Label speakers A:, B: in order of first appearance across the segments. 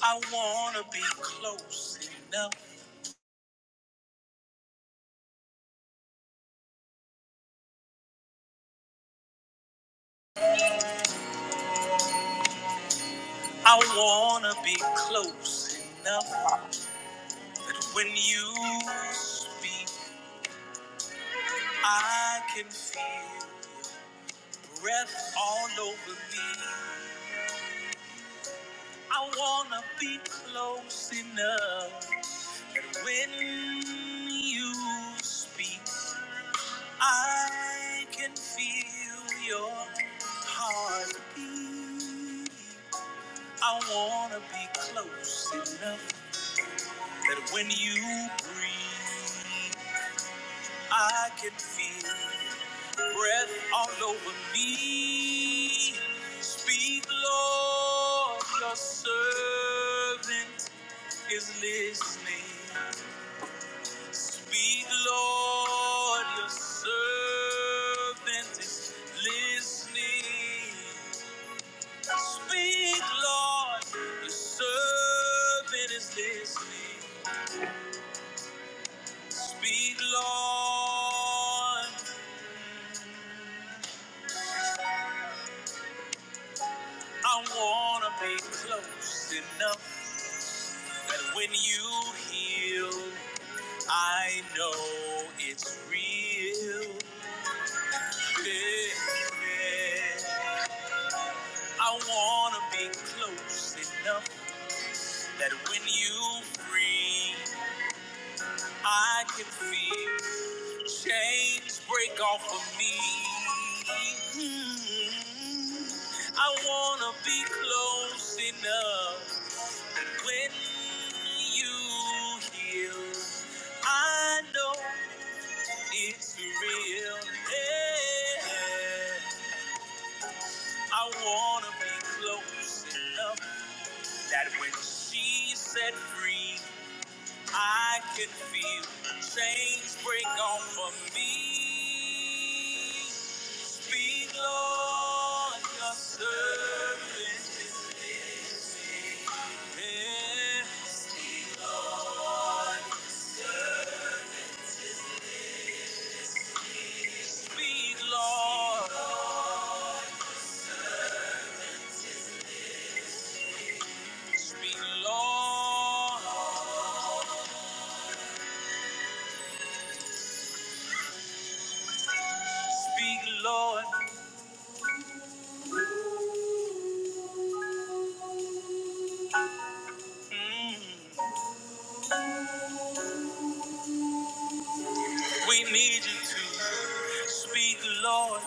A: I wanna be close enough. I wanna be close enough that when you speak, I can feel your breath all over me. I wanna be close enough that when you speak, I can feel your heartbeat. I wanna be close enough. that when you breathe, I can feel your breath all over me. Speak, Lord, your servant is listening. Speak, Lord, your servant is listening. Speak, Lord, your servant is listening. Speak, Lord. I wanna be close enough that when you heal, I know it's real. Yeah. yeah. I wanna be close enough that when you free, I can feel chains break off of me. Mm. I wanna be close enough. When you heal, I know it's real. Yeah. I wanna be close enough that when she set free, I can feel chains break off of me. Speak, Lord, your servant is here. Speak, Lord. Speak, Lord. Speak, Lord. Mm. We need you to speak, Lord.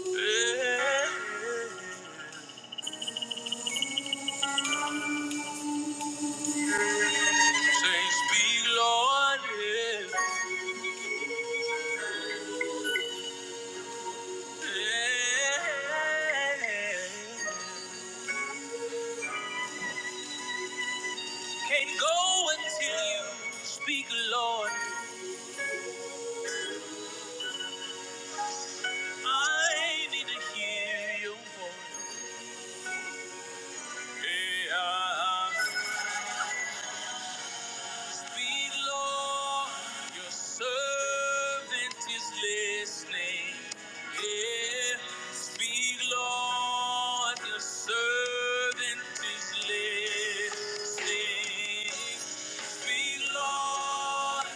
A: Yeah. Say, speak, Lord. Yeah. Yeah. Can't go until you speak, Lord. I need to hear your voice. Yeah. Speak, Lord, your servant is listening. Yeah. Speak, Lord, your servant is listening. Speak, Lord,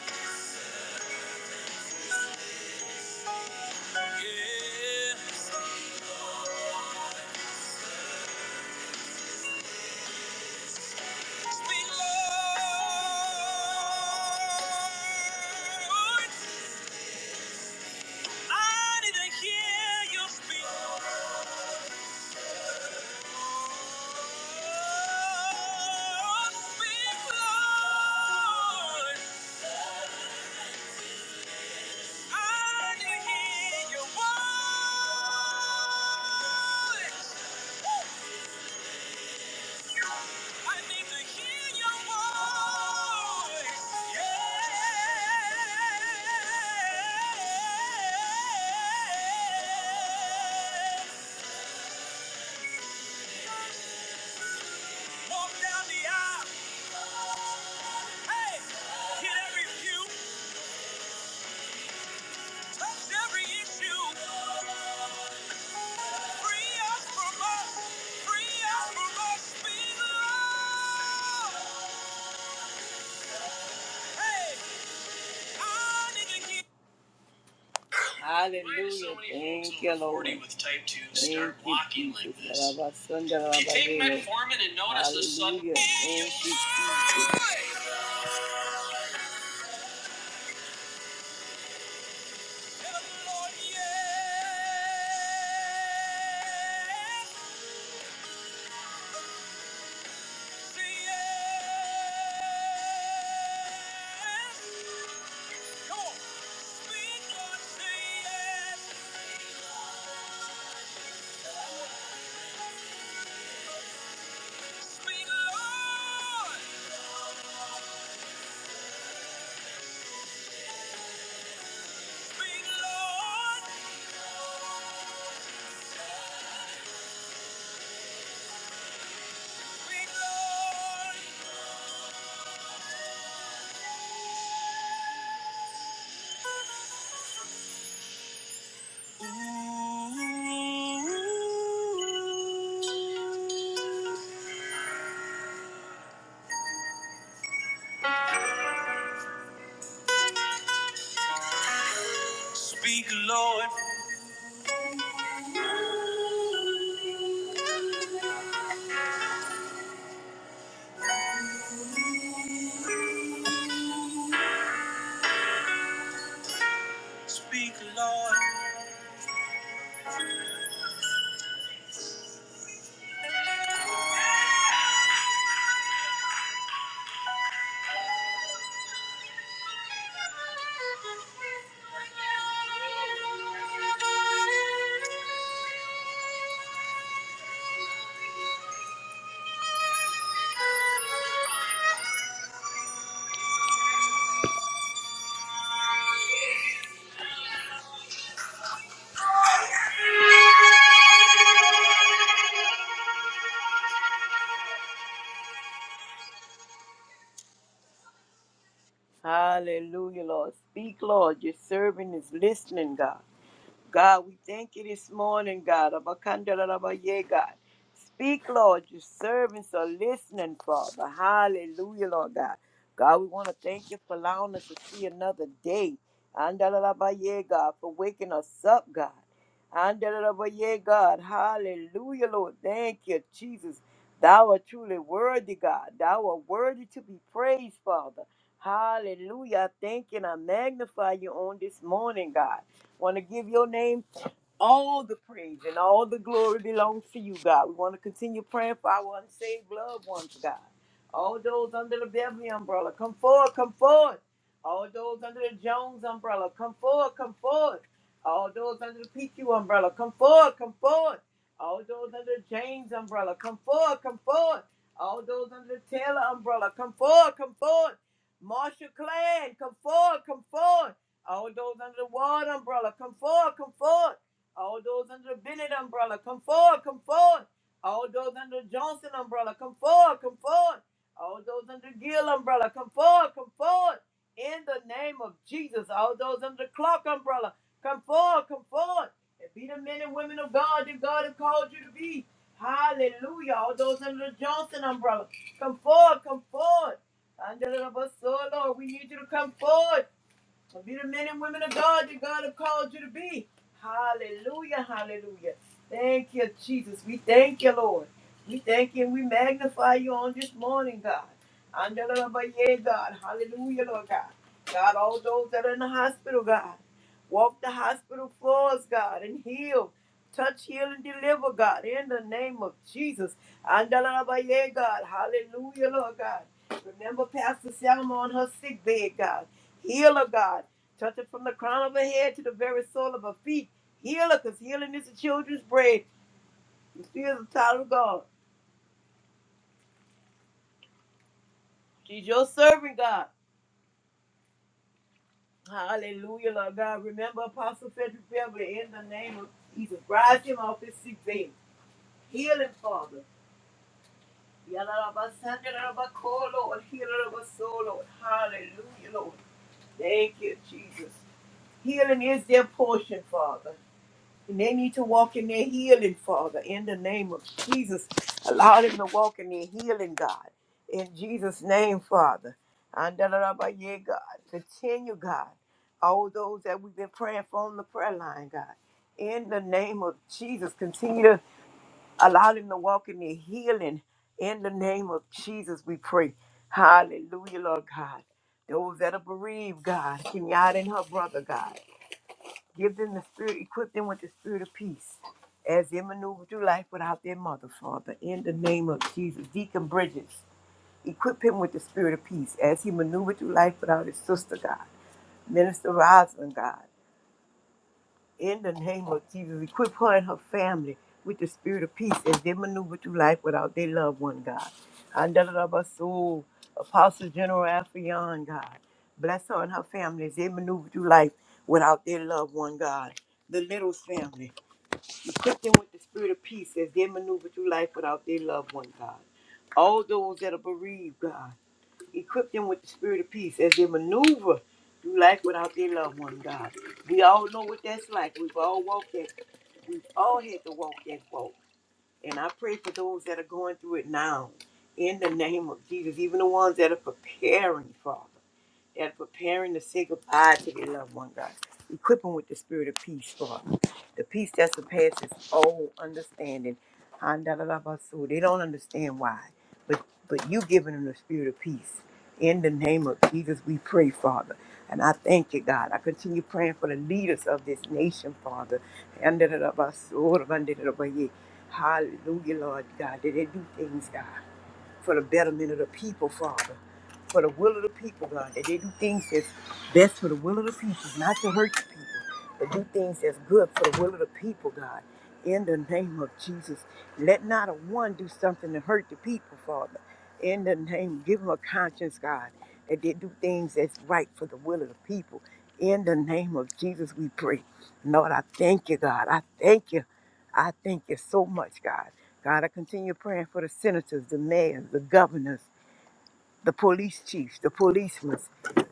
A: yeah. Speak, Lord. I need to hear you speak. Walk down the aisle. Hey, hit every pew. every issue. Free us from us. Free us from us. Be the Lord. Hey, I need to hear- Hallelujah. Thank you, Lord. With type 2, start Thank you, walking like Jesus. this. If you take my and notice the sun. Hallelujah. Thank you, Jesus. Tell the Lord, yes. Ooh. Speak, Lord. Speak, Lord. Hallelujah, Lord. Speak, Lord. Your servant is listening, God. God, we thank you this morning, God. Abakandarabaye, God. Speak, Lord. Your servants are listening, Father. Hallelujah, Lord God. God, we want to thank you for allowing us to see another day. Andalabaye, God, for waking us up, God. Andalabaye, God. Hallelujah, Lord. Thank you, Jesus. Thou art truly worthy, God. Thou art worthy to be praised, Father. Hallelujah. I thank you and I magnify you on this morning, God. Want to give your name all the praise and all the glory belongs to you, God. We want to continue praying for our unsaved loved ones, God. All those under the Beverly umbrella, come forward, come forward. All those under the Jones umbrella, come forward, come forward. All those under the PQ umbrella, come forward, come forward. All those under the James umbrella, come forward, come forward. All those under the Taylor umbrella, come forward, come forward. Marshall Clan, come forward, come forward. All those under the Ward umbrella, come forward, come forward. All those under the Bennett umbrella, come forward, come forward. All those under the Johnson umbrella, come forward, come forward. All those under the Gill umbrella, come forward, come forward. In the name of Jesus, all those under the Clark umbrella, come forward, come forward. And be the men and women of God that God has called you to be. Hallelujah. All those under the Johnson umbrella, come forward, come forward. Under the Lord, we need you to come forward. And Be the men and women of God that God have called you to be. Hallelujah, hallelujah. Thank you, Jesus. We thank you, Lord. We thank you and we magnify you on this morning, God. Andalabaye, God. Hallelujah, Lord God. God, all those that are in the hospital, God. Walk the hospital floors, God, and heal. Touch, heal, and deliver, God, in the name of Jesus. Andalabaye, God. Hallelujah, Lord God. Remember Pastor Selma on her sick bed, God. Healer, God. Touch it from the crown of her head to the very sole of her feet. Healer, because healing is the children's bread. And She is the child of God. She's your servant, God. Hallelujah, Lord God. Remember Apostle Frederick Beverly in the name of Jesus. Rise him off his sick bed. Heal him, Father. Yalalabasandalabako, Lord. Healalabaso, Lord. Hallelujah, Lord. Thank you, Jesus. Healing is their portion, Father. And they need to walk in their healing, Father, in the name of Jesus. Allow them to walk in their healing, God. In Jesus' name, Father. And da da da ba yeah, God. Continue, God. All those that we've been praying for on the prayer line, God. In the name of Jesus, continue to allow them to walk in their healing. In the name of Jesus, we pray. Hallelujah, Lord God. Those that are bereaved, God. Kenyatta and her brother, God. Give them the spirit, equip them with the spirit of peace as they maneuver through life without their mother, Father. In the name of Jesus, Deacon Bridges, equip him with the spirit of peace as he maneuvers through life without his sister, God. Minister Rosalind, God. In the name of Jesus, equip her and her family with the spirit of peace as they maneuver through life without their loved one, God. Andalabasu, Apostle General Affion, God. Bless her and her family as they maneuver through life without their loved one, God. The Littles family. Equip them with the spirit of peace as they maneuver through life without their loved one, God. All those that are bereaved, God. Equip them with the spirit of peace as they maneuver through life without their loved one, God. We all know what that's like. We've all walked that. We've all had to walk that walk. And I pray for those that are going through it now. In the name of Jesus, even the ones that are preparing, Father that are preparing to say goodbye to their loved one, God. Equip them with the spirit of peace, Father. The peace that surpasses all understanding. Handalalabasu. They don't understand why, but but you giving them the spirit of peace. In the name of Jesus, we pray, Father. And I thank you, God. I continue praying for the leaders of this nation, Father. Handalalabasu, handalalabaye. Hallelujah, Lord God. That they do things, God for the betterment of the people, Father for the will of the people, God. That they do things that's best for the will of the people, not to hurt the people, but do things that's good for the will of the people, God. In the name of Jesus, let not a one do something to hurt the people, Father. In the name, give them a conscience, God, that they do things that's right for the will of the people. In the name of Jesus, we pray. Lord, I thank you, God. I thank you. I thank you so much, God. God, I continue praying for the senators, the mayors, the governors the police chiefs, the policemen,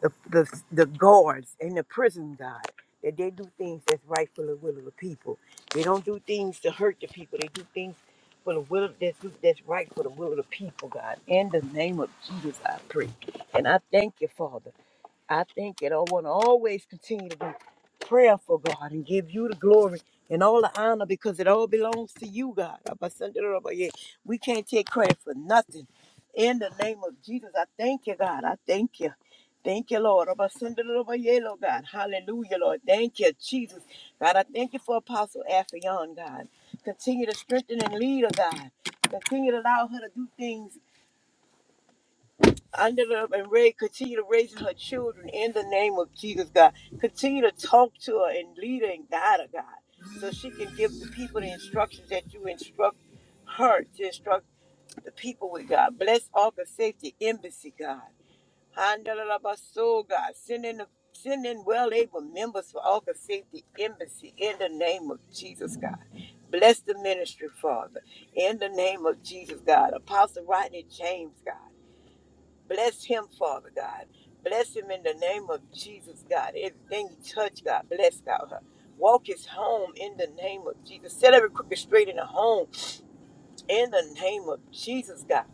A: the, the, the guards, and the prison guard, that they do things that's right for the will of the people. They don't do things to hurt the people. They do things for the will of, that's, that's right for the will of the people, God. In the name of Jesus, I pray. And I thank you, Father. I think that I want to always continue to be prayerful, God, and give you the glory and all the honor because it all belongs to you, God. Abba, Sunday, Abba, yeah. We can't take credit for nothing. In the name of Jesus, I thank you, God. I thank you. Thank you, Lord. Abba, Sunday, Abba, yeah, Lord God. Hallelujah, Lord. Thank you, Jesus. God, I thank you for Apostle Afrion, God. Continue to strengthen and lead her, God. Continue to allow her to do things Angela and Ray continue to raise her children in the name of Jesus, God. Continue to talk to her and lead her and guide her, God, so she can give the people the instructions that you instruct her to instruct the people with, God. Bless Ark of Safety Embassy, God. Angela Basso, God. Send in the Send in well-able members for Ark of Safety Embassy in the name of Jesus, God. Bless the ministry, Father, in the name of Jesus, God. Apostle Rodney James, God. Bless him, Father God. Bless him in the name of Jesus, God. Everything you touch, God, bless God. Walk his home in the name of Jesus. Set every crooked straight in the home in the name of Jesus, God.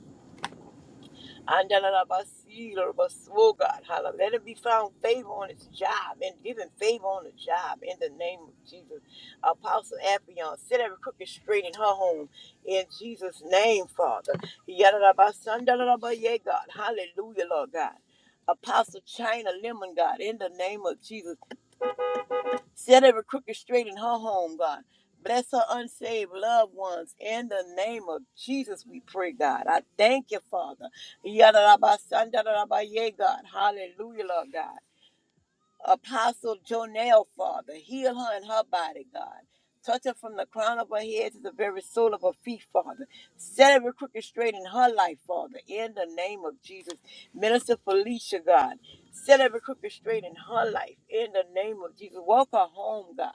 A: Andalabasi, Lorabas- Oh God, holla. Let it be found favor on its job and given favor on the job in the name of Jesus. Apostle Appion, set every crooked straight in her home in Jesus' name, Father. Yadalabasa, Andalabaye, God. Hallelujah, Lord God. Apostle China Lemon, God, in the name of Jesus. Set every crooked straight in her home, God. Bless her unsaved loved ones. In the name of Jesus, we pray, God. I thank you, Father. Yadarabasandarabaye, God. Hallelujah, Lord God. Apostle Jonelle, Father. Heal her and her body, God. Touch her from the crown of her head to the very sole of her feet, Father. Set every crooked straight in her life, Father. In the name of Jesus. Minister Felicia, God. Set every crooked straight in her life. In the name of Jesus. Walk her home, God.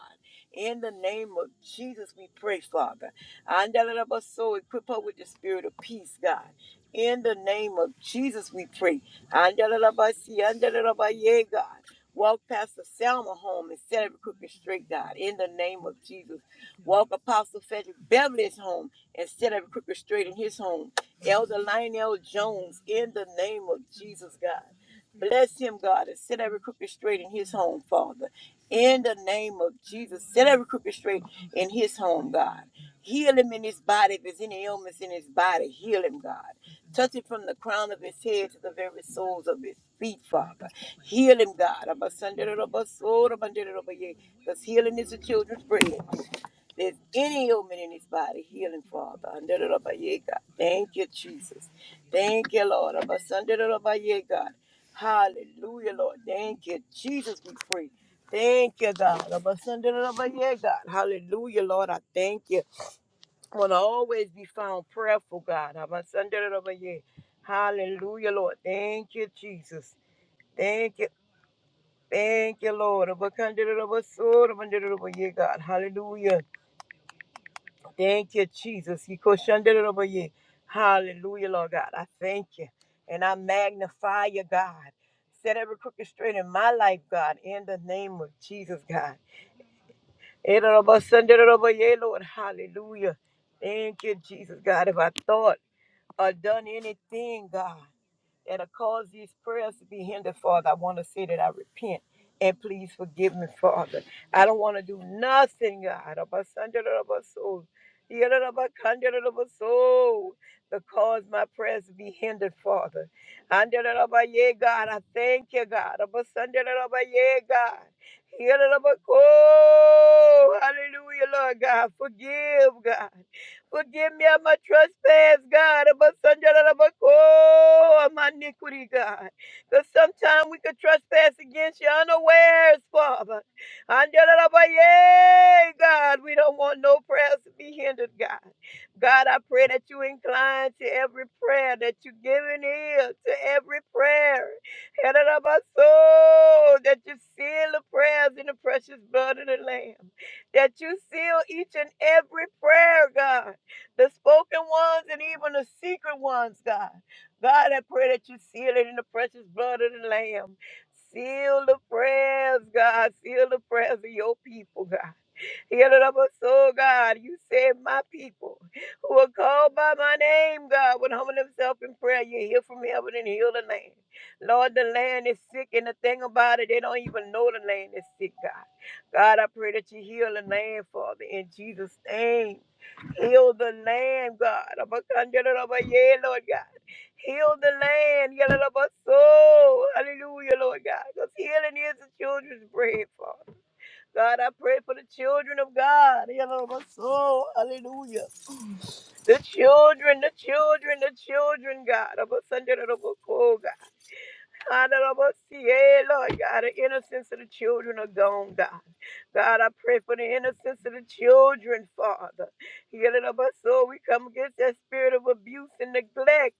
A: In the name of Jesus, we pray, Father. Andalaba soul, equip her with the spirit of peace, God. In the name of Jesus, we pray. Andalaba see, andalaba yeah, God. Walk Pastor Selma home and set every crooked straight, God, in the name of Jesus. Walk Apostle Frederick Beverly's home and set every crooked straight in his home. Elder Lionel Jones, in the name of Jesus, God. Bless him, God, and set every crooked straight in his home, Father. In the name of Jesus, set every crooked straight in his home, God. Heal him in his body. If there's any ailments in his body, heal him, God. Touch him from the crown of his head to the very soles of his feet, Father. Heal him, God. Because healing is the children's bread. There's any ailment in his body, healing, Father. Under the rubber, yeah, God. Thank you, Jesus. Thank you, Lord. Abba, Sunday, the rubber, yeah, God. Hallelujah, Lord. Thank you, Jesus. We pray. Thank you, God. Abba, Sunday, Abba, yeah, God. Hallelujah, Lord. I thank you. I want to always be found prayerful, God. Abba, Sunday, Abba, yeah. Hallelujah, Lord. Thank you, Jesus. Thank you. Thank you, Lord. Abba, Sunday, Abba, so, Abba, Sunday, Abba, yeah, God. Hallelujah. Thank you, Jesus. You go it over you. Hallelujah, Lord God. I thank you. And I magnify you, God. Set every crooked straight in my life, God, in the name of Jesus, God. It over Sunday, it over you, Lord. Hallelujah. Thank you, Jesus, God. If I thought or done anything, God that'll cause these prayers to be hindered, Father. I want to say that I repent and please forgive me, Father. I don't want to do nothing, God. of a Sunday, of a soul, The yeah, of a Sunday, of a soul, that cause my prayers to be hindered, Father. And that of a yeah, God, I thank you, God. of a Sunday, of a yeah, God. Yeah, of a- Oh, hallelujah, Lord God. Forgive, God. Forgive me of my trespass, God, of my son, of my co- of my iniquity, God. Because sometimes we could trespass against you unawares, Father. And da- da- da- yay, God, we don't want no prayers to be hindered, God. God, I pray that you incline to every prayer, that you give an ear to every prayer. And of da- soul, That you seal the prayers in the precious blood of the Lamb that you seal each and every prayer, God the spoken ones and even the secret ones, God. God, I pray that you seal it in the precious blood of the Lamb. Seal the prayers, God. Seal the prayers of your people, God. Heal it up our soul, God. You said my people who are called by my name, God, would humble themselves in prayer. You hear from heaven and heal the land. Lord, the land is sick, and the thing about it, they don't even know the land is sick, God. God, I pray that you heal the land, Father, in Jesus' name. Heal the land, God. Abakandarabaye, Lord God. Heal the land. Yalalabaso. Hallelujah, Lord God. Because healing is the children's bread, Father. God, I pray for the children of God. Yalalabaso. Hallelujah. The children, the children, the children, God. Abasandarabaso, God. Hey, Lord God, the innocence of the children are gone, God. God, I pray for the innocence of the children, Father. Yeah, Lord, I love us. So we come against that spirit of abuse and neglect.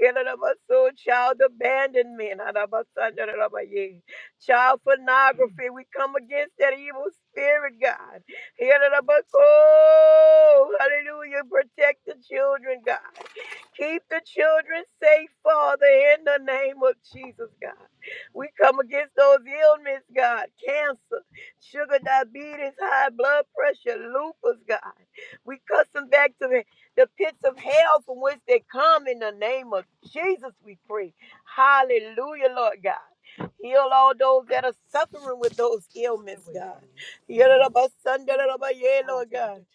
A: Yeah, Lord, I love us. So child abandonment. Adabasandarabaye. Child pornography. We come against that evil spirit, God. Yeah, Lord, I love us. Oh, Hallelujah. Protect the children, God. Keep the children safe, Father, in the name of Jesus, God. We come against those ailments, God. Cancer, sugar, diabetes, high blood pressure, lupus, God. We cuss them back to the, the pits of hell from which they come in the name of Jesus, we pray. Hallelujah, Lord God. Heal all those that are suffering with those ailments, God. Heal it up, Sunday, Lord God.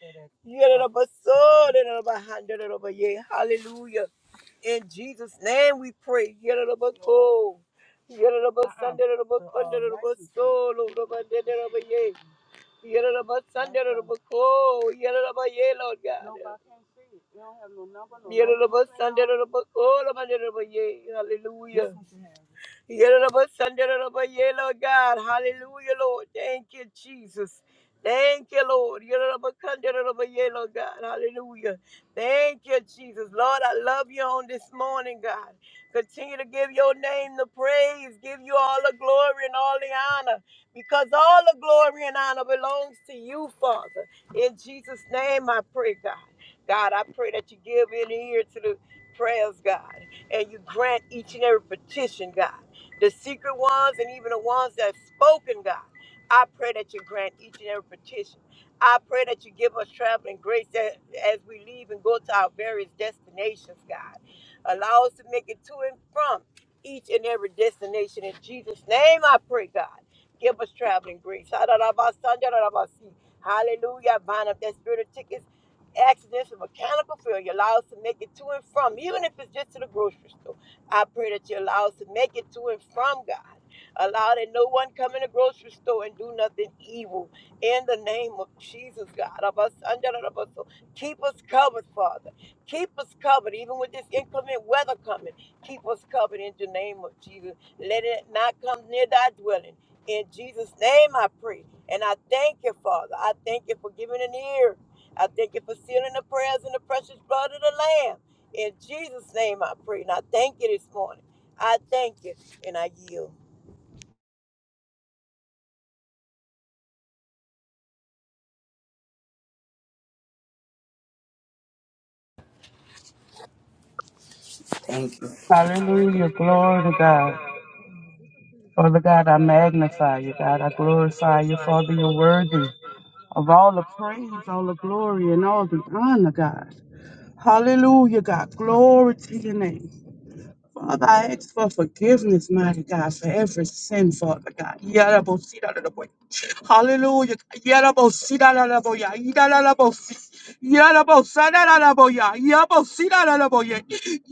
A: Yadadabaso, dadadabaha, dadadabaye. Hallelujah. In Jesus' name we pray. Yadadabato. Yadadabasan, dadadabakun, dadadabaso, lodaba, dadadabaye. Yadadabasan, dadadabako. Yadadabaye, Lord God. Yadadabasan, dadadabako, lodaba, dadadabaye. Hallelujah. Yoruba, Sunday, yeah, Lord God. Hallelujah, Lord. Thank you, Jesus. Thank you, Lord. Yoruba, Sunday, yeah, Lord God. Hallelujah. Thank you, Jesus. Lord, I love you on this morning, God. Continue to give your name the praise, give you all the glory and all the honor, because all the glory and honor belongs to you, Father. In Jesus' name, I pray, God. God, I pray that you give an ear to the prayers, God, and you grant each and every petition, God the secret ones, and even the ones that's spoken, God. I pray that you grant each and every petition. I pray that you give us traveling grace that, as we leave and go to our various destinations, God. Allow us to make it to and from each and every destination. In Jesus' name, I pray, God. Give us traveling grace. Hallelujah. Bind up that spirit of tickets accidents of mechanical failure allow us to make it to and from, even if it's just to the grocery store. I pray that you allow us to make it to and from God. Allow that no one come in the grocery store and do nothing evil. In the name of Jesus, God. Of us under the of us. So Keep us covered, Father. Keep us covered, even with this inclement weather coming. Keep us covered in the name of Jesus. Let it not come near thy dwelling. In Jesus' name I pray. And I thank you, Father. I thank you for giving an ear. I thank you for sealing the prayers in the precious blood of the Lamb. In Jesus' name I pray. And I thank you this morning. I thank you and I yield.
B: Thank,
C: Hallelujah. Glory to God. Father God, I magnify you, God. I glorify you, Father. You're worthy of all the praise, all the glory, and all the honor, God. Hallelujah, God. Glory to your name. Father, I ask for forgiveness, mighty God, for every sin, Father God. Yarabosidadadaboy. Hallelujah. Yarabosidadadaboya. Yidadadabosi. Yarabosadadadaboya. Yabosidadadaboye.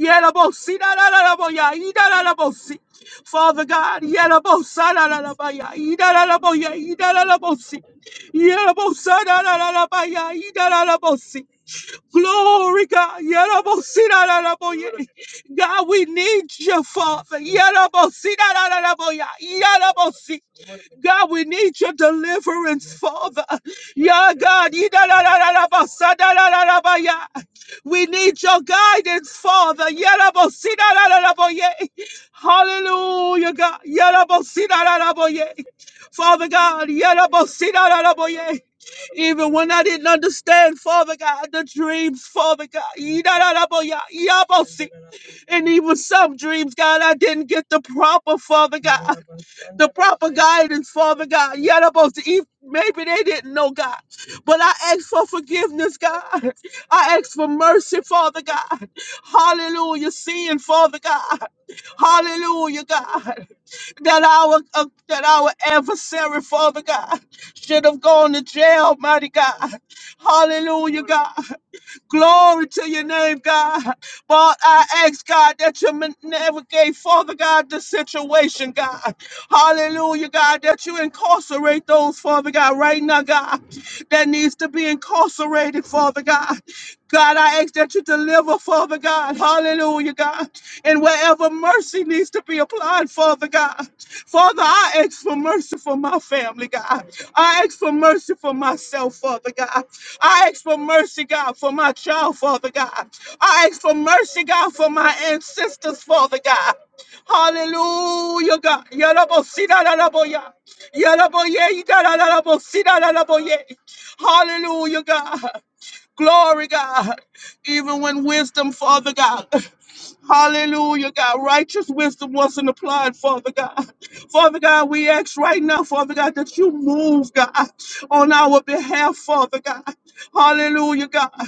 C: Yarabosidadadaboya. Yidadadabosi. Father God, Yarabosadadadabaya. Yidadadaboye. Yidadadabosi. Yarabosadadadabaya. Yidadadabosi. Glory, God. Yarabosinararaboye. God, we need you, Father. Yarabosinararaboya. Yarabosi. God, we need your deliverance, Father. Yeah, God. We need your guidance, Father. Yadabosidadadadaboye. Hallelujah, God. Yadabosidadadaboye. Father God, even when I didn't understand, Father God, the dreams, Father God, and even some dreams, God, I didn't get the proper, Father God the proper guidance, Father God. Yet about to eat. Maybe they didn't know God, but I ask for forgiveness, God. I ask for mercy, Father God. Hallelujah, sin, Father God. Hallelujah, God. That our uh, that our adversary, Father God, should have gone to jail, mighty God. Hallelujah, God. Glory to your name, God. But I ask, God, that you ma- navigate, Father God, the situation, God. Hallelujah, God, that you incarcerate those, Father God, right now, God, that needs to be incarcerated, Father God. God, I ask that you deliver, Father God. Hallelujah, God and wherever mercy needs to be applied, Father God. Father, I ask for mercy for my family, God. I ask for mercy for myself, Father God. I ask for mercy, God, for my child, Father God. I ask for mercy, God, for my ancestors, Father God. Hallelujah, God. Yarabosidadaraboya. Yaraboye, yidadarabosidadaraboye. Hallelujah, God. Glory, God. Even when wisdom, Father God. Hallelujah, God. Righteous wisdom wasn't applied, Father God. Father God, we ask right now, Father God, that you move, God, on our behalf, Father God. Hallelujah, God.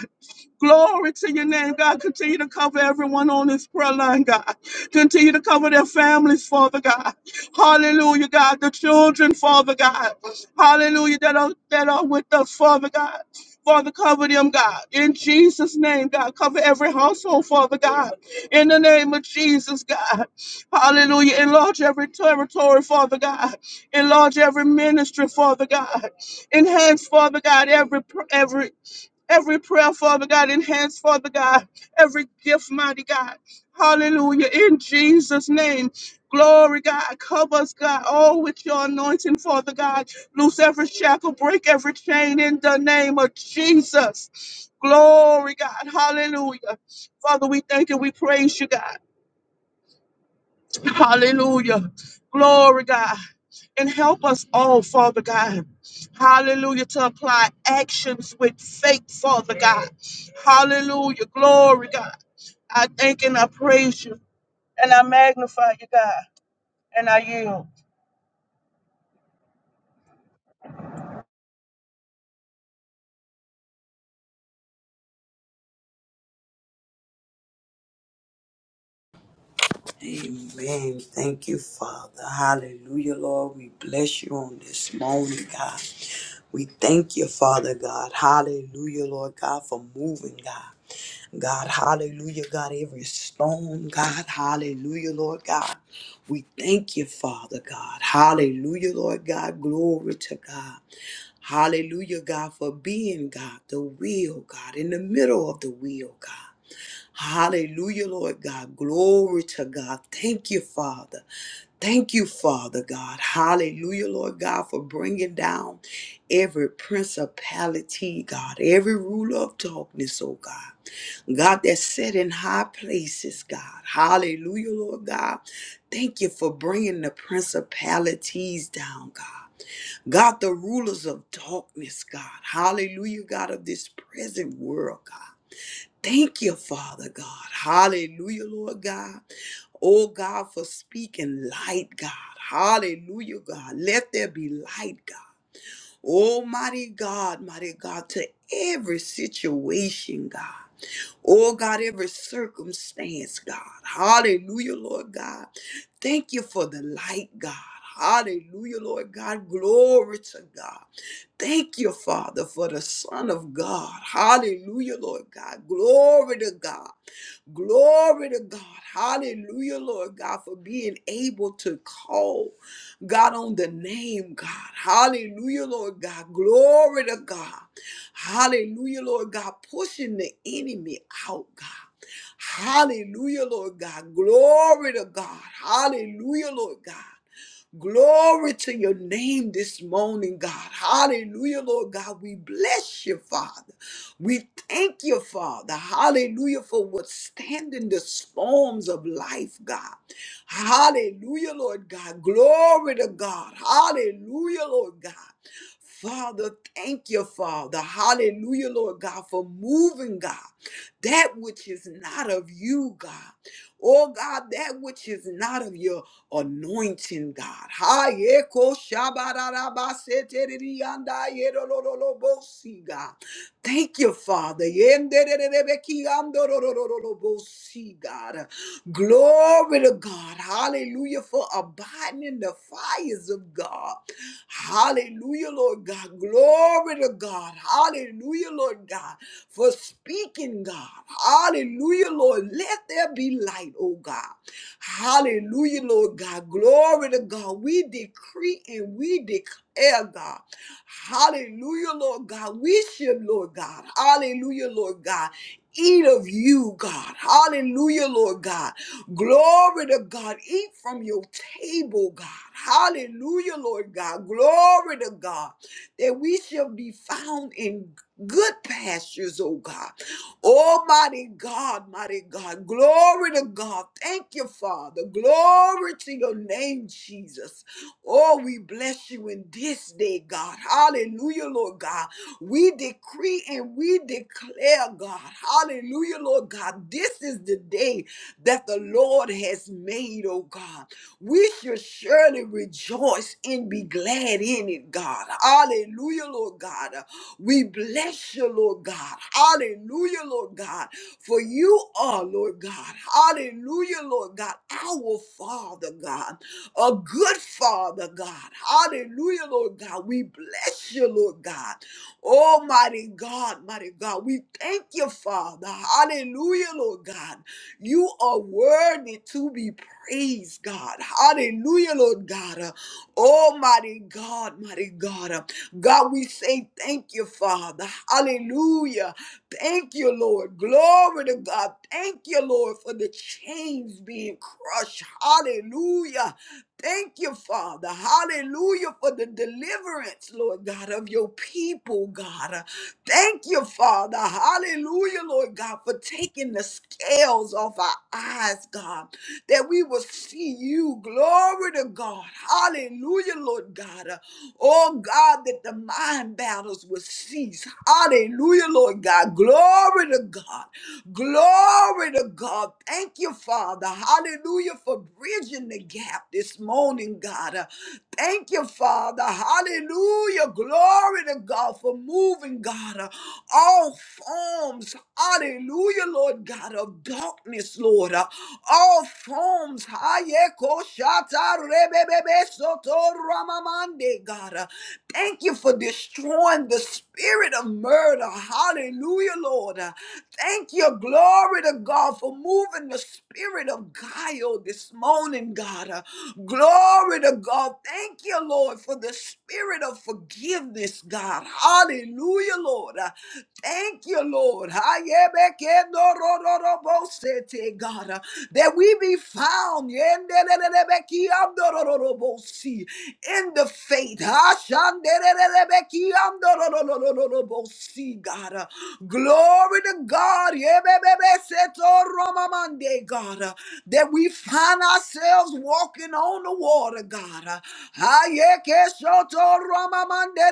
C: Glory to your name, God. Continue to cover everyone on this prayer line, God. Continue to cover their families, Father God. Hallelujah, God. The children, Father God. Hallelujah, that are, that are with us, Father God. Father, cover them, God. In Jesus' name, God. Cover every household, Father God. In the name of Jesus, God. Hallelujah. Enlarge every territory, Father God. Enlarge every ministry, Father God. Enhance, Father God, every every every prayer, Father God, enhance, Father God, every gift, mighty God. Hallelujah. In Jesus' name. Glory, God. Cover us, God, all with your anointing, Father God. Loose every shackle, break every chain in the name of Jesus. Glory, God. Hallelujah. Father, we thank you. We praise you, God. Hallelujah. Glory, God. And help us all, Father God. Hallelujah. To apply actions with faith, Father God. Hallelujah. Glory, God. I thank and I praise you and I magnify you, God. And I yield.
B: amen. Thank you, Father. Hallelujah, Lord. We bless you on this morning, God. We thank you, Father God. Hallelujah, Lord God, for moving, God. God, hallelujah, God, every storm, God, hallelujah, Lord God. We thank you, Father God. Hallelujah, Lord God. Glory to God. Hallelujah, God, for being God, the will, God, in the middle of the will, God. Hallelujah, Lord God. Glory to God. Thank you, Father. Thank you, Father God. Hallelujah, Lord God, for bringing down every principality, God, every ruler of darkness, oh God. God, that's set in high places, God. Hallelujah, Lord God. Thank you for bringing the principalities down, God. God, the rulers of darkness, God. Hallelujah, God, of this present world, God. Thank you, Father God. Hallelujah, Lord God. Oh God, for speaking light, God. Hallelujah, God. Let there be light, God. Almighty God, mighty God, to every situation, God. Oh God, every circumstance, God. Hallelujah, Lord God. Thank you for the light, God. Hallelujah, Lord God. Glory to God. Thank you, Father, for the Son of God. Hallelujah, Lord God. Glory to God. Glory to God. Hallelujah, Lord God, for being able to call God on the name, God. Hallelujah, Lord God. Glory to God. Hallelujah, Lord God, pushing the enemy out, God. Hallelujah, Lord God. Glory to God. Hallelujah, Lord God. Glory to your name this morning, God. Hallelujah, Lord God. We bless you, Father. We thank you, Father. Hallelujah, for withstanding the storms of life, God. Hallelujah, Lord God. Glory to God. Hallelujah, Lord God. Father, thank you, Father. Hallelujah, Lord God, for moving, God, that which is not of you, God. Oh God, that which is not of your anointing, God. Ha, yeko, shabarabasete, God. Thank you, Father. Yendererebekiandorororobosi, God. Glory to God. Hallelujah for abiding in the fires of God. Hallelujah, Lord God. Glory to God. Hallelujah, Lord God. For speaking, God. Hallelujah, Lord. Let there be light, oh God. Hallelujah, Lord God. Glory to God. We decree and we declare, God. Hallelujah, Lord God. We should, Lord God. Hallelujah, Lord God. Eat of you, God. Hallelujah, Lord God. Glory to God. Eat from your table, God. Hallelujah, Lord God. Glory to God. That we shall be found in good pastures, oh God. Almighty God, mighty God. Glory to God. Thank you, Father. Glory to your name, Jesus. Oh, we bless you in this day, God. Hallelujah, Lord God. We decree and we declare, God. Hallelujah, Lord God. This is the day that the Lord has made, oh God. We should surely rejoice and be glad in it, God. Hallelujah, Lord God. We bless you, Lord God. Hallelujah, Lord God. For you are, Lord God. Hallelujah, Lord God. Our Father, God a good father, God. Hallelujah, Lord God. We bless you, Lord God. Almighty God, mighty God. We thank you, Father. Hallelujah, Lord God. You are worthy to be praised, God. Hallelujah, Lord God. Uh, Almighty God, mighty God. Uh, God, we say thank you, Father. Hallelujah. Thank you, Lord. Glory to God. Thank you, Lord, for the chains being crushed. Hallelujah. Thank you, Father. Hallelujah for the deliverance, Lord God, of your people, God. Uh, Thank you, Father. Hallelujah, Lord God, for taking the scales off our eyes, God that we will see you. Glory to God. Hallelujah, Lord God. Uh, Oh God, that the mind battles will cease. Hallelujah, Lord God. Glory to God. Glory to God. Thank you, Father. Hallelujah for bridging the gap this morning morning, God. Uh, Thank you, Father. Hallelujah. Glory to God for moving, God. Uh, All forms, hallelujah, Lord God, of darkness, Lord. Uh, All forms, hayeko shata rebebebe soto ramamande, God. Uh, Thank you for destroying the spirit of murder. Hallelujah, Lord. Uh, Thank you, glory to God, for moving the spirit of guile this morning, God. Uh, glory to God. Thank you, Lord, for the spirit of forgiveness, God. Hallelujah, Lord. Uh, Thank you, Lord. Ayebekedorororobosete, God, uh, that we be found yendelelelebekiandorororobosi, in the faith. Ashandelelebekiandororororobosi, God. uh, Glory to God. Yebebebesetoromamande, God, uh, that we find ourselves walking on the water, God. uh, Ayekeshotoromamande,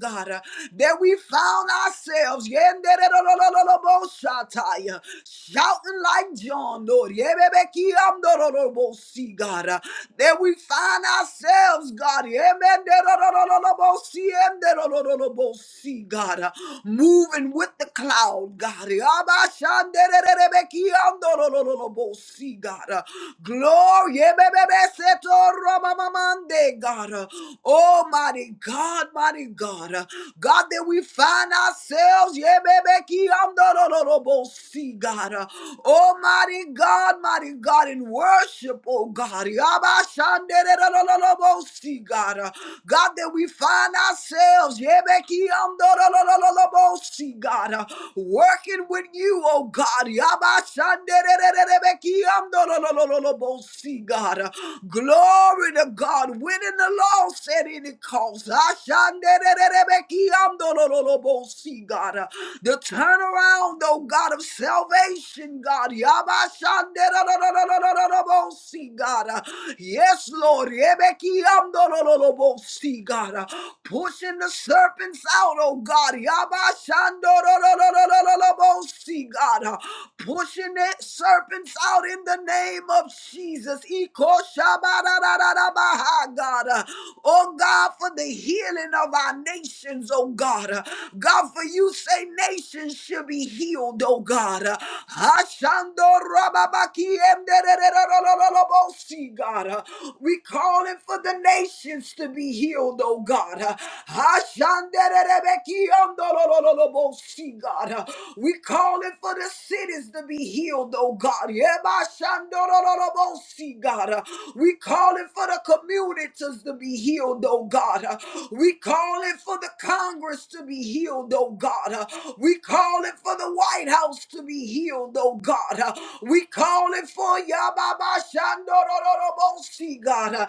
B: God. uh, that we found ourselves yendererorororobosataya, shouting like John, Lord, yebebekiamdorororobosi, God, uh, that we find ourselves, God, yemendererorororobosi, yendererorororobosi, God, uh, moving with the cloud, God, yabashanderererebekiamdorororobosi, God, uh, glory, yebebebesetoromamamande, God, uh, Oh, mighty God, mighty God. Uh, God, that we find ourselves, yeah, baby, key on the no, no, no, bo- see, God. Uh, Oh, mighty God, mighty God, in worship, oh God. Yaba shande, de, do, do, do, do, bo- see, God. Uh, God, that we find ourselves, yeah, baby, key on the no, no, no, no, no, bo- see, God. Uh, Working with you, oh God. Yaba shande, de, de, de, de, be- key on the no, no, no, no, no, bo- see, God. Uh, Glory to God. Winning the loss at any cost. Ashandererebekiamdololobo, See, God. Uh, The turnaround, oh God, of salvation, God. Yabashanderererererererebo, See, God. Uh, Yes, Lord. Rebekiamdololobo, See, God. Uh, Pushing the serpents out, oh God. Yabashandororororororobo, See, God. Uh, pushing that serpents out in the name of Jesus. Ikoshabarararabaha, God. Uh, Oh God, for the healing of our nations, oh God. Uh, God, for you say nations should be healed, oh God. Uh, Ashandorababakiemderererererorobosi, God. Uh, We calling for the nations to be healed, oh God. Uh, Ashandererebekiyondorororobosi, God. Uh, we calling for the cities to be healed, oh God. Yebashandorororobosi, God. Uh, We calling for the communities to be healed, oh God. Uh, We calling for the Congress to be healed, oh God. Uh, We calling for the White House to be healed, oh God. Uh, We calling for Yababashandorororobosi, God. Uh,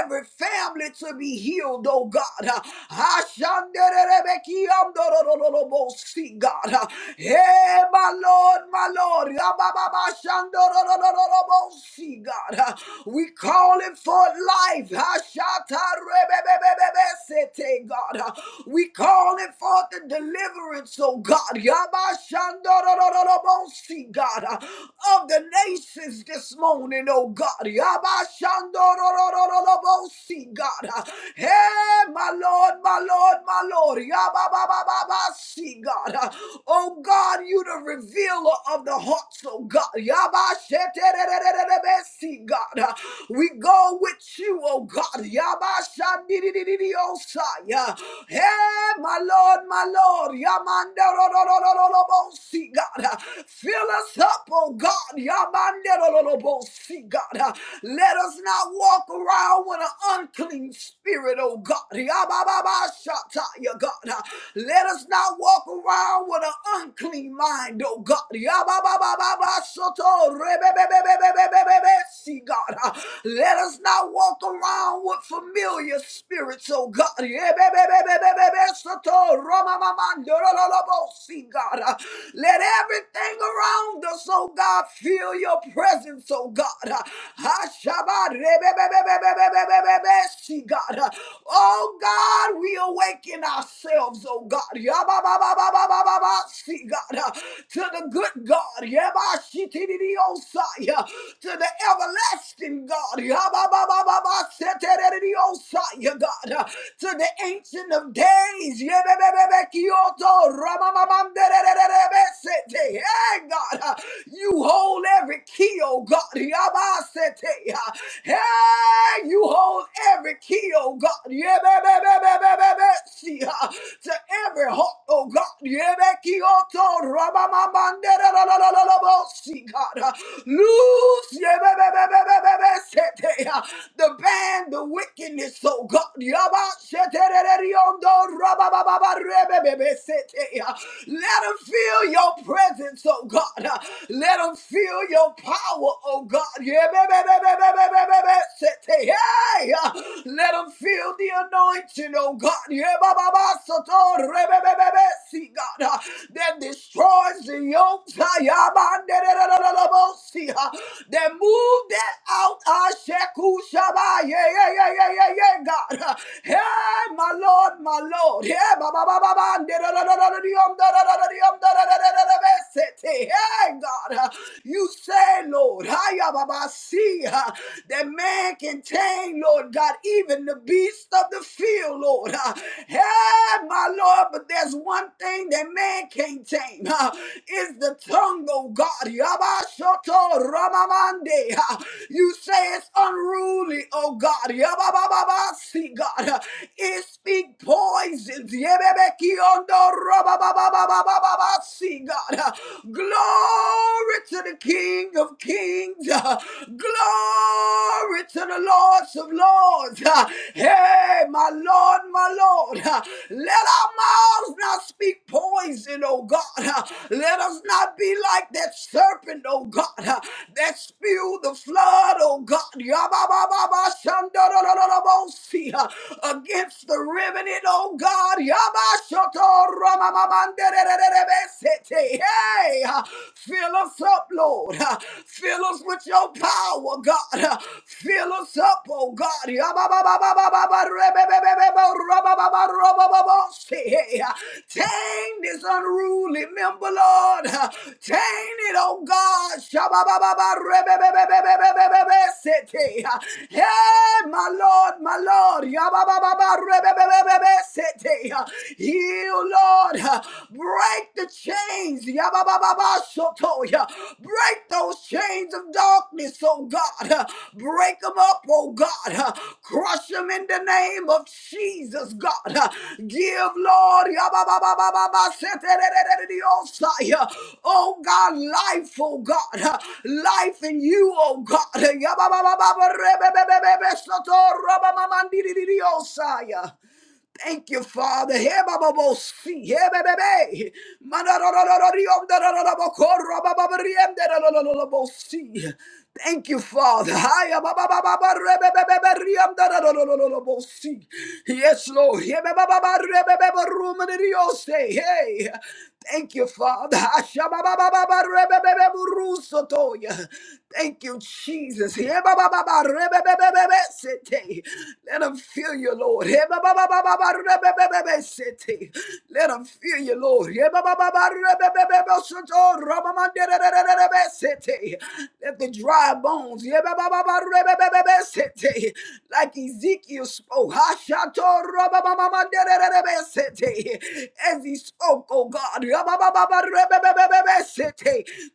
B: Every family to be healed, oh God. Uh, Ashandererebekiamdorororobosi, see God. Hey, my Lord, my Lord. see God. We call it for life. Ashatarebebebebebesete, God. We call it for the deliverance, oh God. see God. Of the nations this morning, oh God. see God. Hey, my Lord, my Lord, Lord. See, God. Uh, Oh, God, you the revealer of the hearts, oh, God. See, God. Uh, We go with you, oh, God. Yabashandididididiosa. Hey, my Lord, my Lord. See, God. Uh, Fill us up, oh, God. see God. Uh, Let us not walk around with an unclean spirit, oh, God. Oh God. Yabababashata, yeah, God. Let us not walk around with an unclean mind, oh God. Yababababashoto, rebebebebebebebebe, See, God. Let us not walk around with familiar spirits, oh God. Yebebebebebebe, soto, romamamandorolobo, See, God. Let everything around us, oh God, feel your presence, oh God. Hashabarebebebebebebebe, See, God. Uh, Oh, God, we awaken ourselves, oh, God. Yabababababababa. See, God. Uh, To the good God. Yabashitididiosa. Yeah. To the everlasting God. Yabababababa. Seteredidiosa. Yeah, God. Uh, To the ancient of days. Yebebebebekioto. Ramamamamderererebesete. Hey, God. Uh, You hold every key, oh, God. Yabasete. Hey, you hold every key, oh God. Yeah, ba- ba- ba- ba- ba- ba- ba- see, uh, to every heart, oh God. Yeah, ba- key, oh, to- ra- ba- ba- ba- da- da- see, God. Uh, Loose, yeah, ba- ba- ba- ba- ba- ba- ba- sete, uh, the band, the wickedness, oh God. Yeah, ba- sete, da- da- da- yon- do- ra- ba- ba- ba- ba- re- ba- ba- ba- sete, uh, Let them feel your presence, oh God. Uh, Let them feel your power, Oh God, yeah, babababababababababab, city, yeah. Let 'em feel the anointing, oh God, yeah, babababababababababab, see God. That destroys the yoke, yeah, yeah, yeah, yeah, yeah, yeah, yeah, God. Hey, my Lord, my Lord, yeah, babababababababababab, city, yeah, God uh, You said, Lord, Hayababasi, that man can tame, Lord God, even the beast of the field, Lord. Uh, Yeah, my Lord, but there's one thing that man can't tame. Uh, is the tongue, oh God. Yabashoto Ramamande. Uh, You say it's unruly, oh God. Yaba Baba Baba see, God. Uh, It speak poisons. Yebebekiondo Rababababababasi, God. God. Glory to the King of Kings. Glory to the Lords of Lords. Hey, my Lord, my Lord. Let our mouths not speak poison, oh God. Let us not be like that serpent, oh God, that spewed the flood, oh God. Yabba-ba-ba-ba-shandorororobosi, Against the riveted, oh God. Yabba-shoto-ramamamandorororobosi. Hey, fill us up, Lord. Fill us with your power, God. Fill us up, oh God. Tame this unruly member, Lord. Tame it, oh God. Hey, my Lord, my Lord. Heal, Lord. Break the chains. Yababababasotoya. Break those chains of darkness, oh God. Break them up, oh God. Crush them in the name of Jesus, God. Give, Lord. Yabababababaseterererereosaya. Oh God, life, oh God. Life in you, oh God. Yabababababarebebebebebesotorobamamandiriosaya. Thank you, Father. Hebabobosi, hebebebe. Manarororororiomdarororobokorobababarriemdarorororobosi. Thank you, Father. Hayababababarebebeberriemdarororororobosi. Yes, Lord. Hebebababarebebeberrumaniriose. Hey. Thank you, Father. Hashababababarebebebeburusotoya. Thank you, Jesus. Let them feel you, Lord. Let them feel you, Lord. Let the dry bones, like Ezekiel spoke, as he spoke, oh God,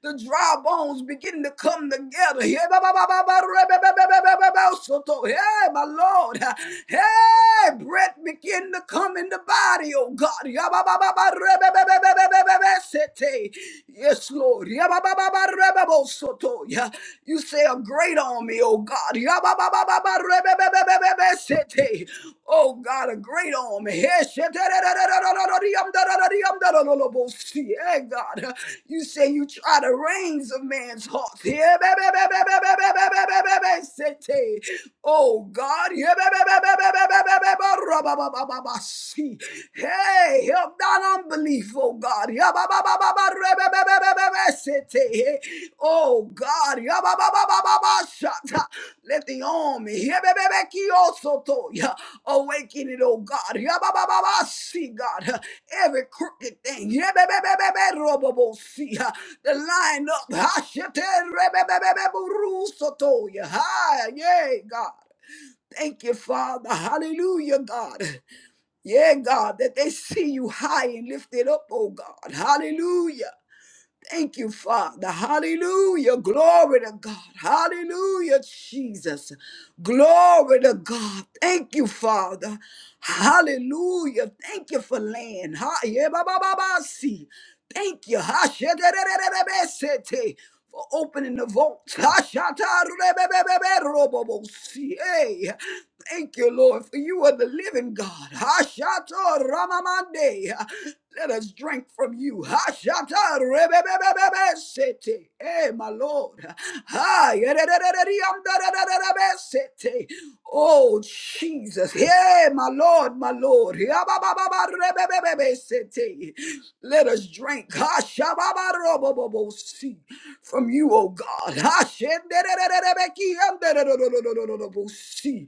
B: the dry bones begin to come together. Hey, my Lord. Hey, breath begin to come in the body, oh God. Yes, Lord. Yeah. You say a great on me, oh God. Oh God, a great on home. Hey, God. You say you try the reins of man's heart. Oh, God. Hey, help that unbelief, oh, God. Oh, God. Let the army. Awaken it, oh God. Yabababa, See, God, every crooked thing. Yebebebebebe, See, uh, the line up. Hashete, rebebebebe, buru, sotoya. Hi, Yay, God. Thank you, Father. Hallelujah, God. Yeah, God, that they see you high and lifted up, oh God. Hallelujah. Thank you, Father. Hallelujah. Glory to God. Hallelujah, Jesus. Glory to God. Thank you, Father. Hallelujah. Thank you for land. Ha- yeah, ba- ba- ba- ba- see. Thank you. Ha- she- de- de- de- de- de- be- se- te, For opening the vaults. Ha- sha- ta- re- be- be- be- be- ro- bo- bo- see. Hey. Thank you, Lord, for you are the living God. Ha- sha- ta- ra- ma- ma- de. Let us drink from you. Hashata rebebebebebe sete. Hey, my Lord. Ha, yededededeyamdadadadadabe sete. Oh, Jesus. Hey, my Lord, my Lord. Yabababa rebebebebe sete. Let us drink. Hashababarobobobo si. From you, oh God. Hashendedededebeki si.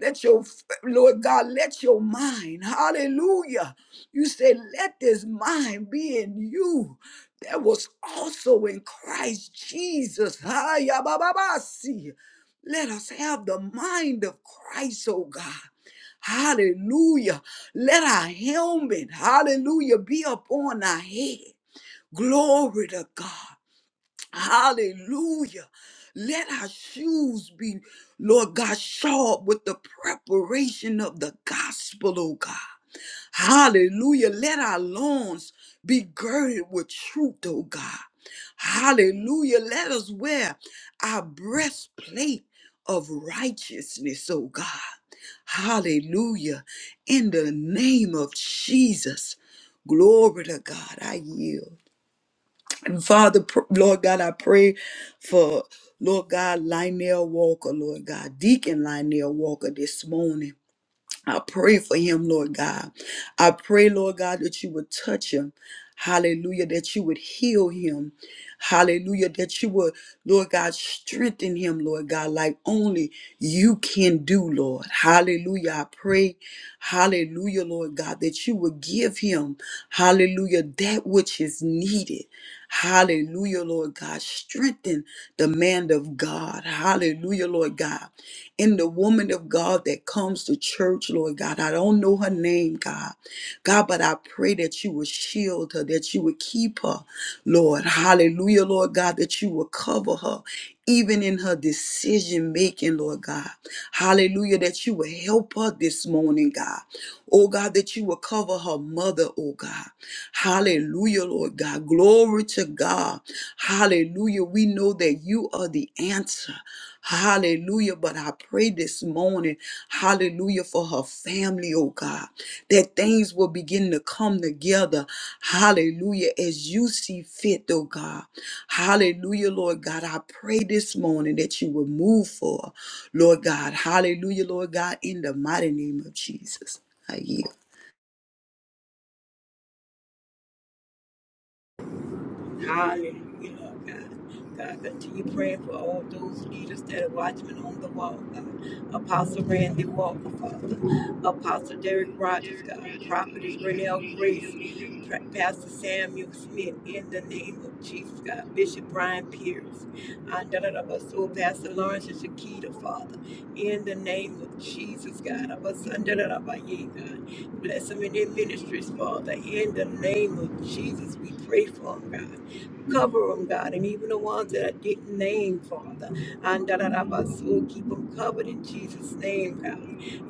B: Let your, Lord God, let your mind, hallelujah. You say, let this mind be in you that was also in Christ Jesus. Ha, ya, ba, ba, ba, see. Let us have the mind of Christ, oh God. Hallelujah. Let our helmet, hallelujah, be upon our head. Glory to God. Hallelujah. Let our shoes be, Lord God, shod with the preparation of the gospel, oh God. Hallelujah. Let our loins be girded with truth, oh God. Hallelujah. Let us wear our breastplate of righteousness, oh God. Hallelujah. In the name of Jesus. Glory to God. I yield. And Father, pr- Lord God, I pray for Lord God, Lionel Walker, Lord God, Deacon Lionel Walker this morning. I pray for him, Lord God. I pray, Lord God, that you would touch him. Hallelujah, that you would heal him. Hallelujah, that you would, Lord God, strengthen him, Lord God, like only you can do, Lord. Hallelujah, I pray, hallelujah, Lord God, that you would give him, hallelujah, that which is needed. Hallelujah, Lord God. Strengthen the man of God. Hallelujah, Lord God in the woman of God that comes to church, Lord God. I don't know her name, God. God, but I pray that you would shield her, that you would keep her, Lord. Hallelujah, Lord God, that you would cover her. Even in her decision making, Lord God. Hallelujah, that you will help her this morning, God. Oh God, that you will cover her mother, oh God. Hallelujah, Lord God. Glory to God. Hallelujah. We know that you are the answer. Hallelujah. But I pray this morning, hallelujah, for her family, oh God, that things will begin to come together. Hallelujah. As you see fit, oh God. Hallelujah, Lord God. I pray this morning that you will move for, her, Lord God. Hallelujah, Lord God, in the mighty name of Jesus. I yield.
A: Hallelujah, Lord God. God, continue praying for all those leaders that are watchmen on the wall, God. Apostle Randy Walker, Father. Apostle Derek Rogers, God. Prophetess Renelle Grace. Pa- Pastor Samuel Smith, in the name of Jesus, God. Bishop Brian Pierce. Andalabaso, Pastor Lawrence and Shakita, Father. In the name of Jesus, God. Abasandalabaye, God. Bless them in their ministries, Father. In the name of Jesus, we pray for them, God. Cover them, God, and even the ones that I didn't name, Father. And da da da ba so keep them covered in Jesus' name, God.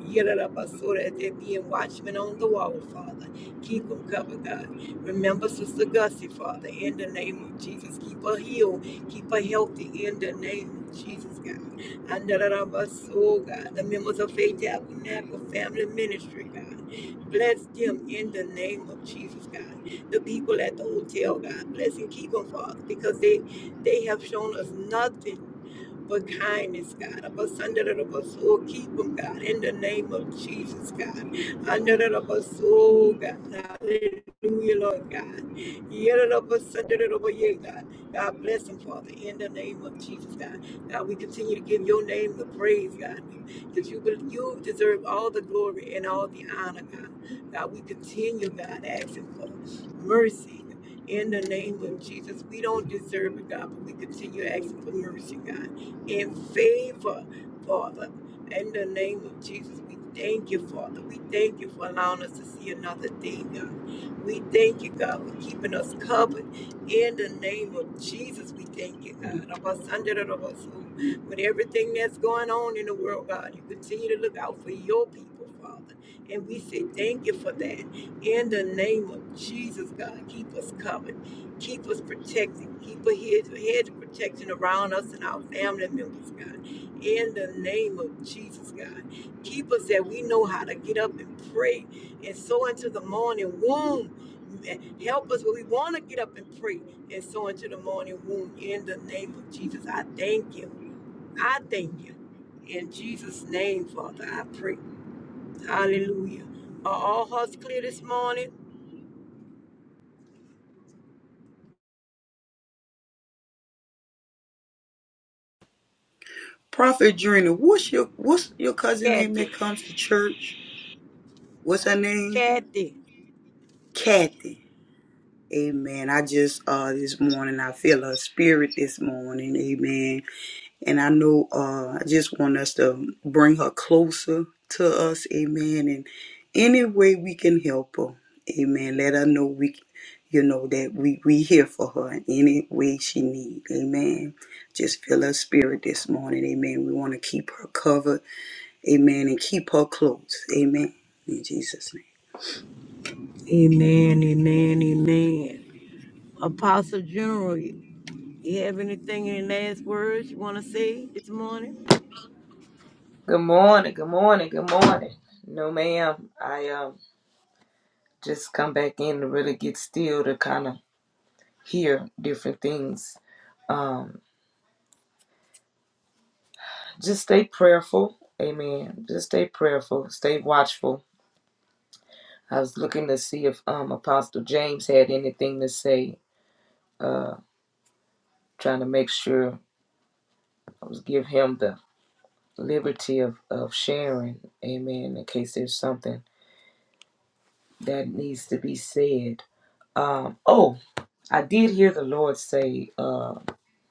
A: Yeah, da da ba so that they are being watchmen on the wall, Father. Keep them covered, God. Remember Sister Gussie, Father, in the name of Jesus. Keep her healed, keep her healthy in the name of Jesus, God. And da da da ba so, God. The members of Faith Tabernacle Family Ministry, God. Bless them in the name of Jesus, God the people at the hotel, God bless and keep them, Father, because they they have shown us nothing but kindness, God. Of us under the bus, oh, keep them, God, in the name of Jesus, God. Under the bus, oh, God. Hallelujah, Lord God. Yeah, the bus, under the bus, yeah, God. God bless them, Father, in the name of Jesus, God. God, we continue to give your name the praise, God, because you, you deserve all the glory and all the honor, God. God, we continue, God, asking for mercy in the name of Jesus. We don't deserve it, God, but we continue asking for mercy, God, in favor, Father. In the name of Jesus, we thank you, Father. We thank you for allowing us to see another day, God. We thank you, God, for keeping us covered. In the name of Jesus, we thank you, God. Of us, under of us, who- with everything that's going on in the world, God, you continue to look out for your people, Father. And we say thank you for that in the name of Jesus, God, keep us covered. Keep us protected. Keep a hedge, a hedge of protection around us and our family members, God. In the name of Jesus, God. Keep us that we know how to get up and pray and sow into the morning womb. Help us when we want to get up and pray and sow into the morning womb. In the name of Jesus, I thank you. I thank you. In Jesus' name, Father, I pray. Hallelujah. Are all hearts clear this morning?
B: Prophet Drina, what's your what's your cousin name that
A: Kathy.
B: comes to church? What's her name?
A: Kathy.
B: Kathy. Amen. I just uh this morning I feel her spirit this morning, amen. And I know uh I just want us to bring her closer to us, amen. And any way we can help her, amen. Let her know we you know that we we here for her in any way she need, amen. Just feel her spirit this morning, amen. We want to keep her covered Amen. And keep her close. Amen. In Jesus'
A: Amen, amen, amen. Apostle General, you have anything in the last words you want to say this morning?
D: Good morning, good morning, good morning. No, ma'am. I um just come back in to really get still to kind of hear different things. Um, just stay prayerful, amen. Just stay prayerful, stay watchful. I was looking to see if um Apostle James had anything to say. Uh, trying to make sure I was give him the liberty of of sharing, amen. In case there's something that needs to be said. Um, oh. I did hear the Lord say uh,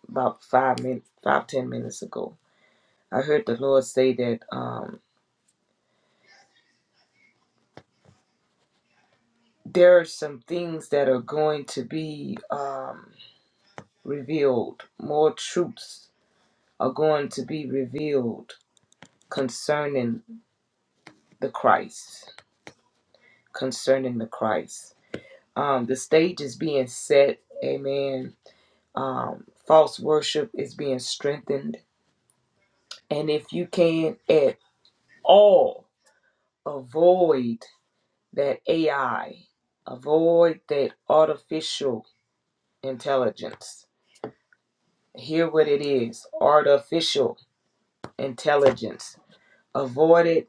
D: about five minutes, five ten minutes ago. I heard the Lord say that um, there are some things that are going to be um, revealed. More truths are going to be revealed concerning the Christ. Concerning the Christ, um, the stage is being set. Amen. Um, false worship is being strengthened, and if you can at all avoid that AI, avoid that artificial intelligence. Hear what it is artificial intelligence. Avoid it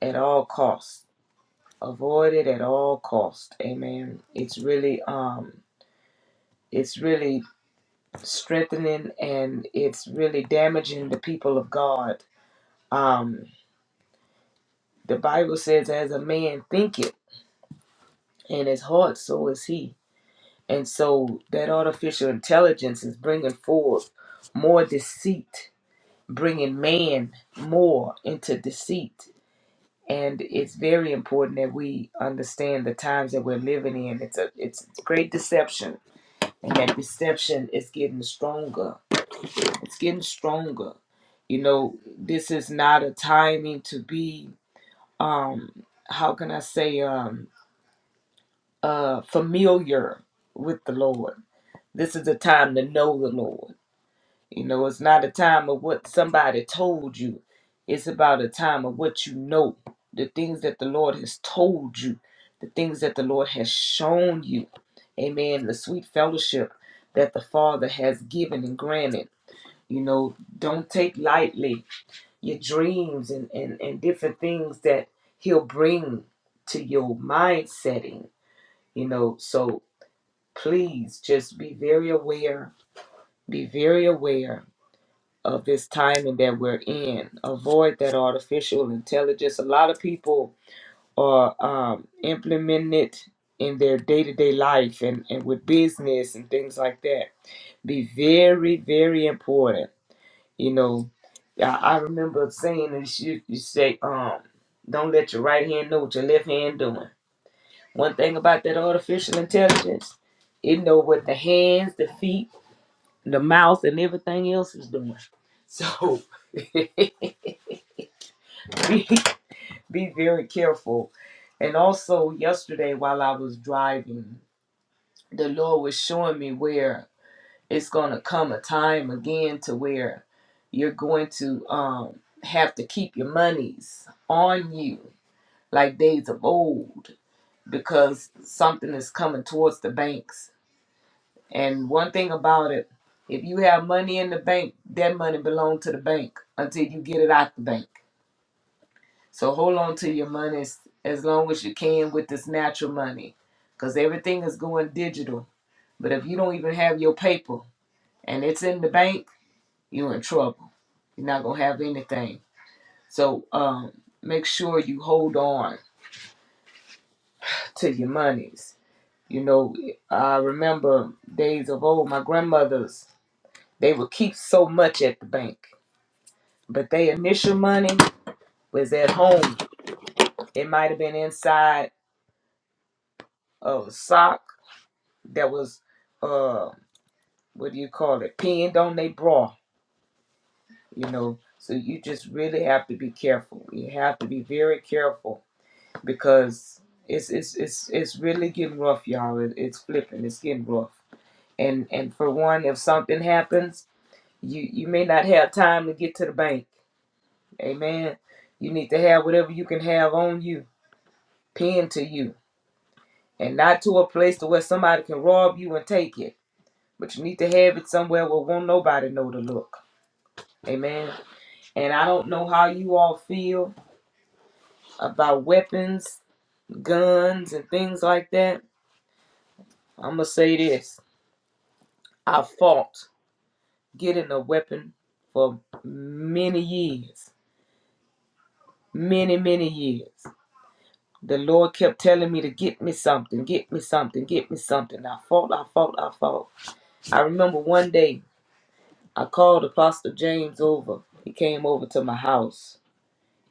D: at all costs. Avoid it at all costs. Amen. It's really um it's really strengthening and it's really damaging the people of God. Um the Bible says as a man thinketh in his heart so is he. And so that artificial intelligence is bringing forth more deceit, bringing man more into deceit. And it's very important that we understand the times that we're living in. It's a it's great deception, and that deception is getting stronger. It's getting stronger. You know, this is not a timing to be um how can I say um uh familiar with the Lord. This is a time to know the Lord You know, it's not a time of what somebody told you. It's about a time of what you know, the things that the Lord has told you, the things that the Lord has shown you. Amen. The sweet fellowship that the Father has given and granted. You know, don't take lightly your dreams and, and, and different things that He'll bring to your mind setting. You know, so please just be very aware. Be very aware of this timing that we're in. Avoid that artificial intelligence. A lot of people are um, implementing it in their day to day life and, and with business and things like that. Be very, very important. You know, I, I remember saying this you, you say, um, don't let your right hand know what your left hand doing. One thing about that artificial intelligence, it know what the hands, the feet, the mouth, and everything else is doing. So be very careful. And also, yesterday while I was driving, the Lord was showing me where it's going to come a time again to where you're going to um, have to keep your monies on you like days of old because something is coming towards the banks. And one thing about it, if you have money in the bank, that money belongs to the bank until you get it out the bank. So hold on to your money as, as long as you can with this natural money because everything is going digital. But if you don't even have your paper and it's in the bank, you're in trouble. You're not going to have anything. So um, make sure you hold on to your monies. You know, I remember days of old, my grandmothers, they would keep so much at the bank, but their initial money was at home. It might have been inside of a sock that was uh. what do you call it, pinned on their bra, you know. So you just really have to be careful. You have to be very careful because it's it's it's it's really getting rough, y'all. It, it's flipping. It's getting rough. And and for one, if something happens, you you may not have time to get to the bank. Amen. You need to have whatever you can have on you, pinned to you, and not to a place to where somebody can rob you and take it. But you need to have it somewhere where won't nobody know to look. Amen. And I don't know how you all feel about weapons, guns, and things like that. I'm going to say this I fought getting a weapon for many years, many, many years. The Lord kept telling me to get me something, get me something, get me something. I fought, I fought, I fought. I remember one day I called Apostle James over. He came over to my house.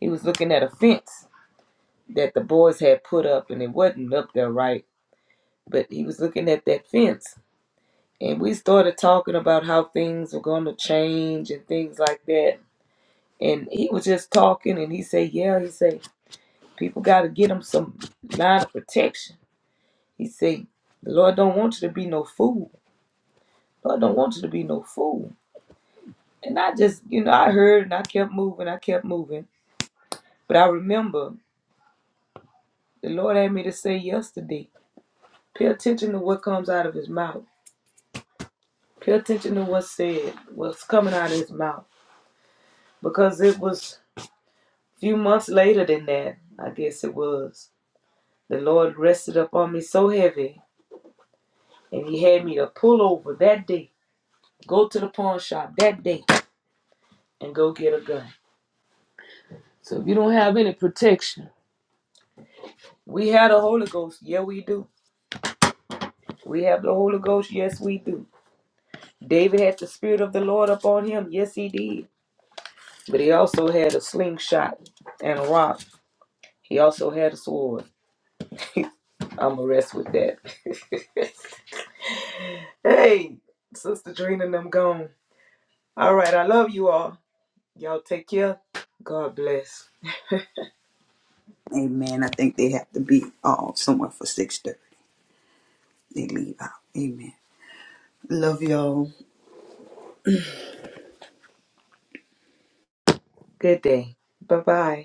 D: He was looking at a fence that the boys had put up, and it wasn't up there right but he was looking at that fence and we started talking about how things were going to change and things like that and he was just talking and he said yeah he said people got to get them some line of protection he said the lord don't want you to be no fool lord don't want you to be no fool and i just you know i heard and i kept moving i kept moving but i remember the lord had me to say yesterday pay attention to what comes out of his mouth pay attention to what's said what's coming out of his mouth because it was few months later than that, I guess it was, the Lord rested upon me so heavy, and He had me to pull over that day, go to the pawn shop that day, and go get a gun. So if you don't have any protection, we have the Holy Ghost. Yeah, we do. We have the Holy Ghost. Yes, we do. David had the Spirit of the Lord upon him. Yes, he did. But he also had a slingshot and a rock. He also had a sword. I'm going to rest with that. Hey, Sister Trina, and I'm gone. All right. I love you all. Y'all take care. God bless.
B: name. Amen. I think they have to be all somewhere for 6.30. They leave out. Amen. Love y'all.
D: Good day. Bye bye.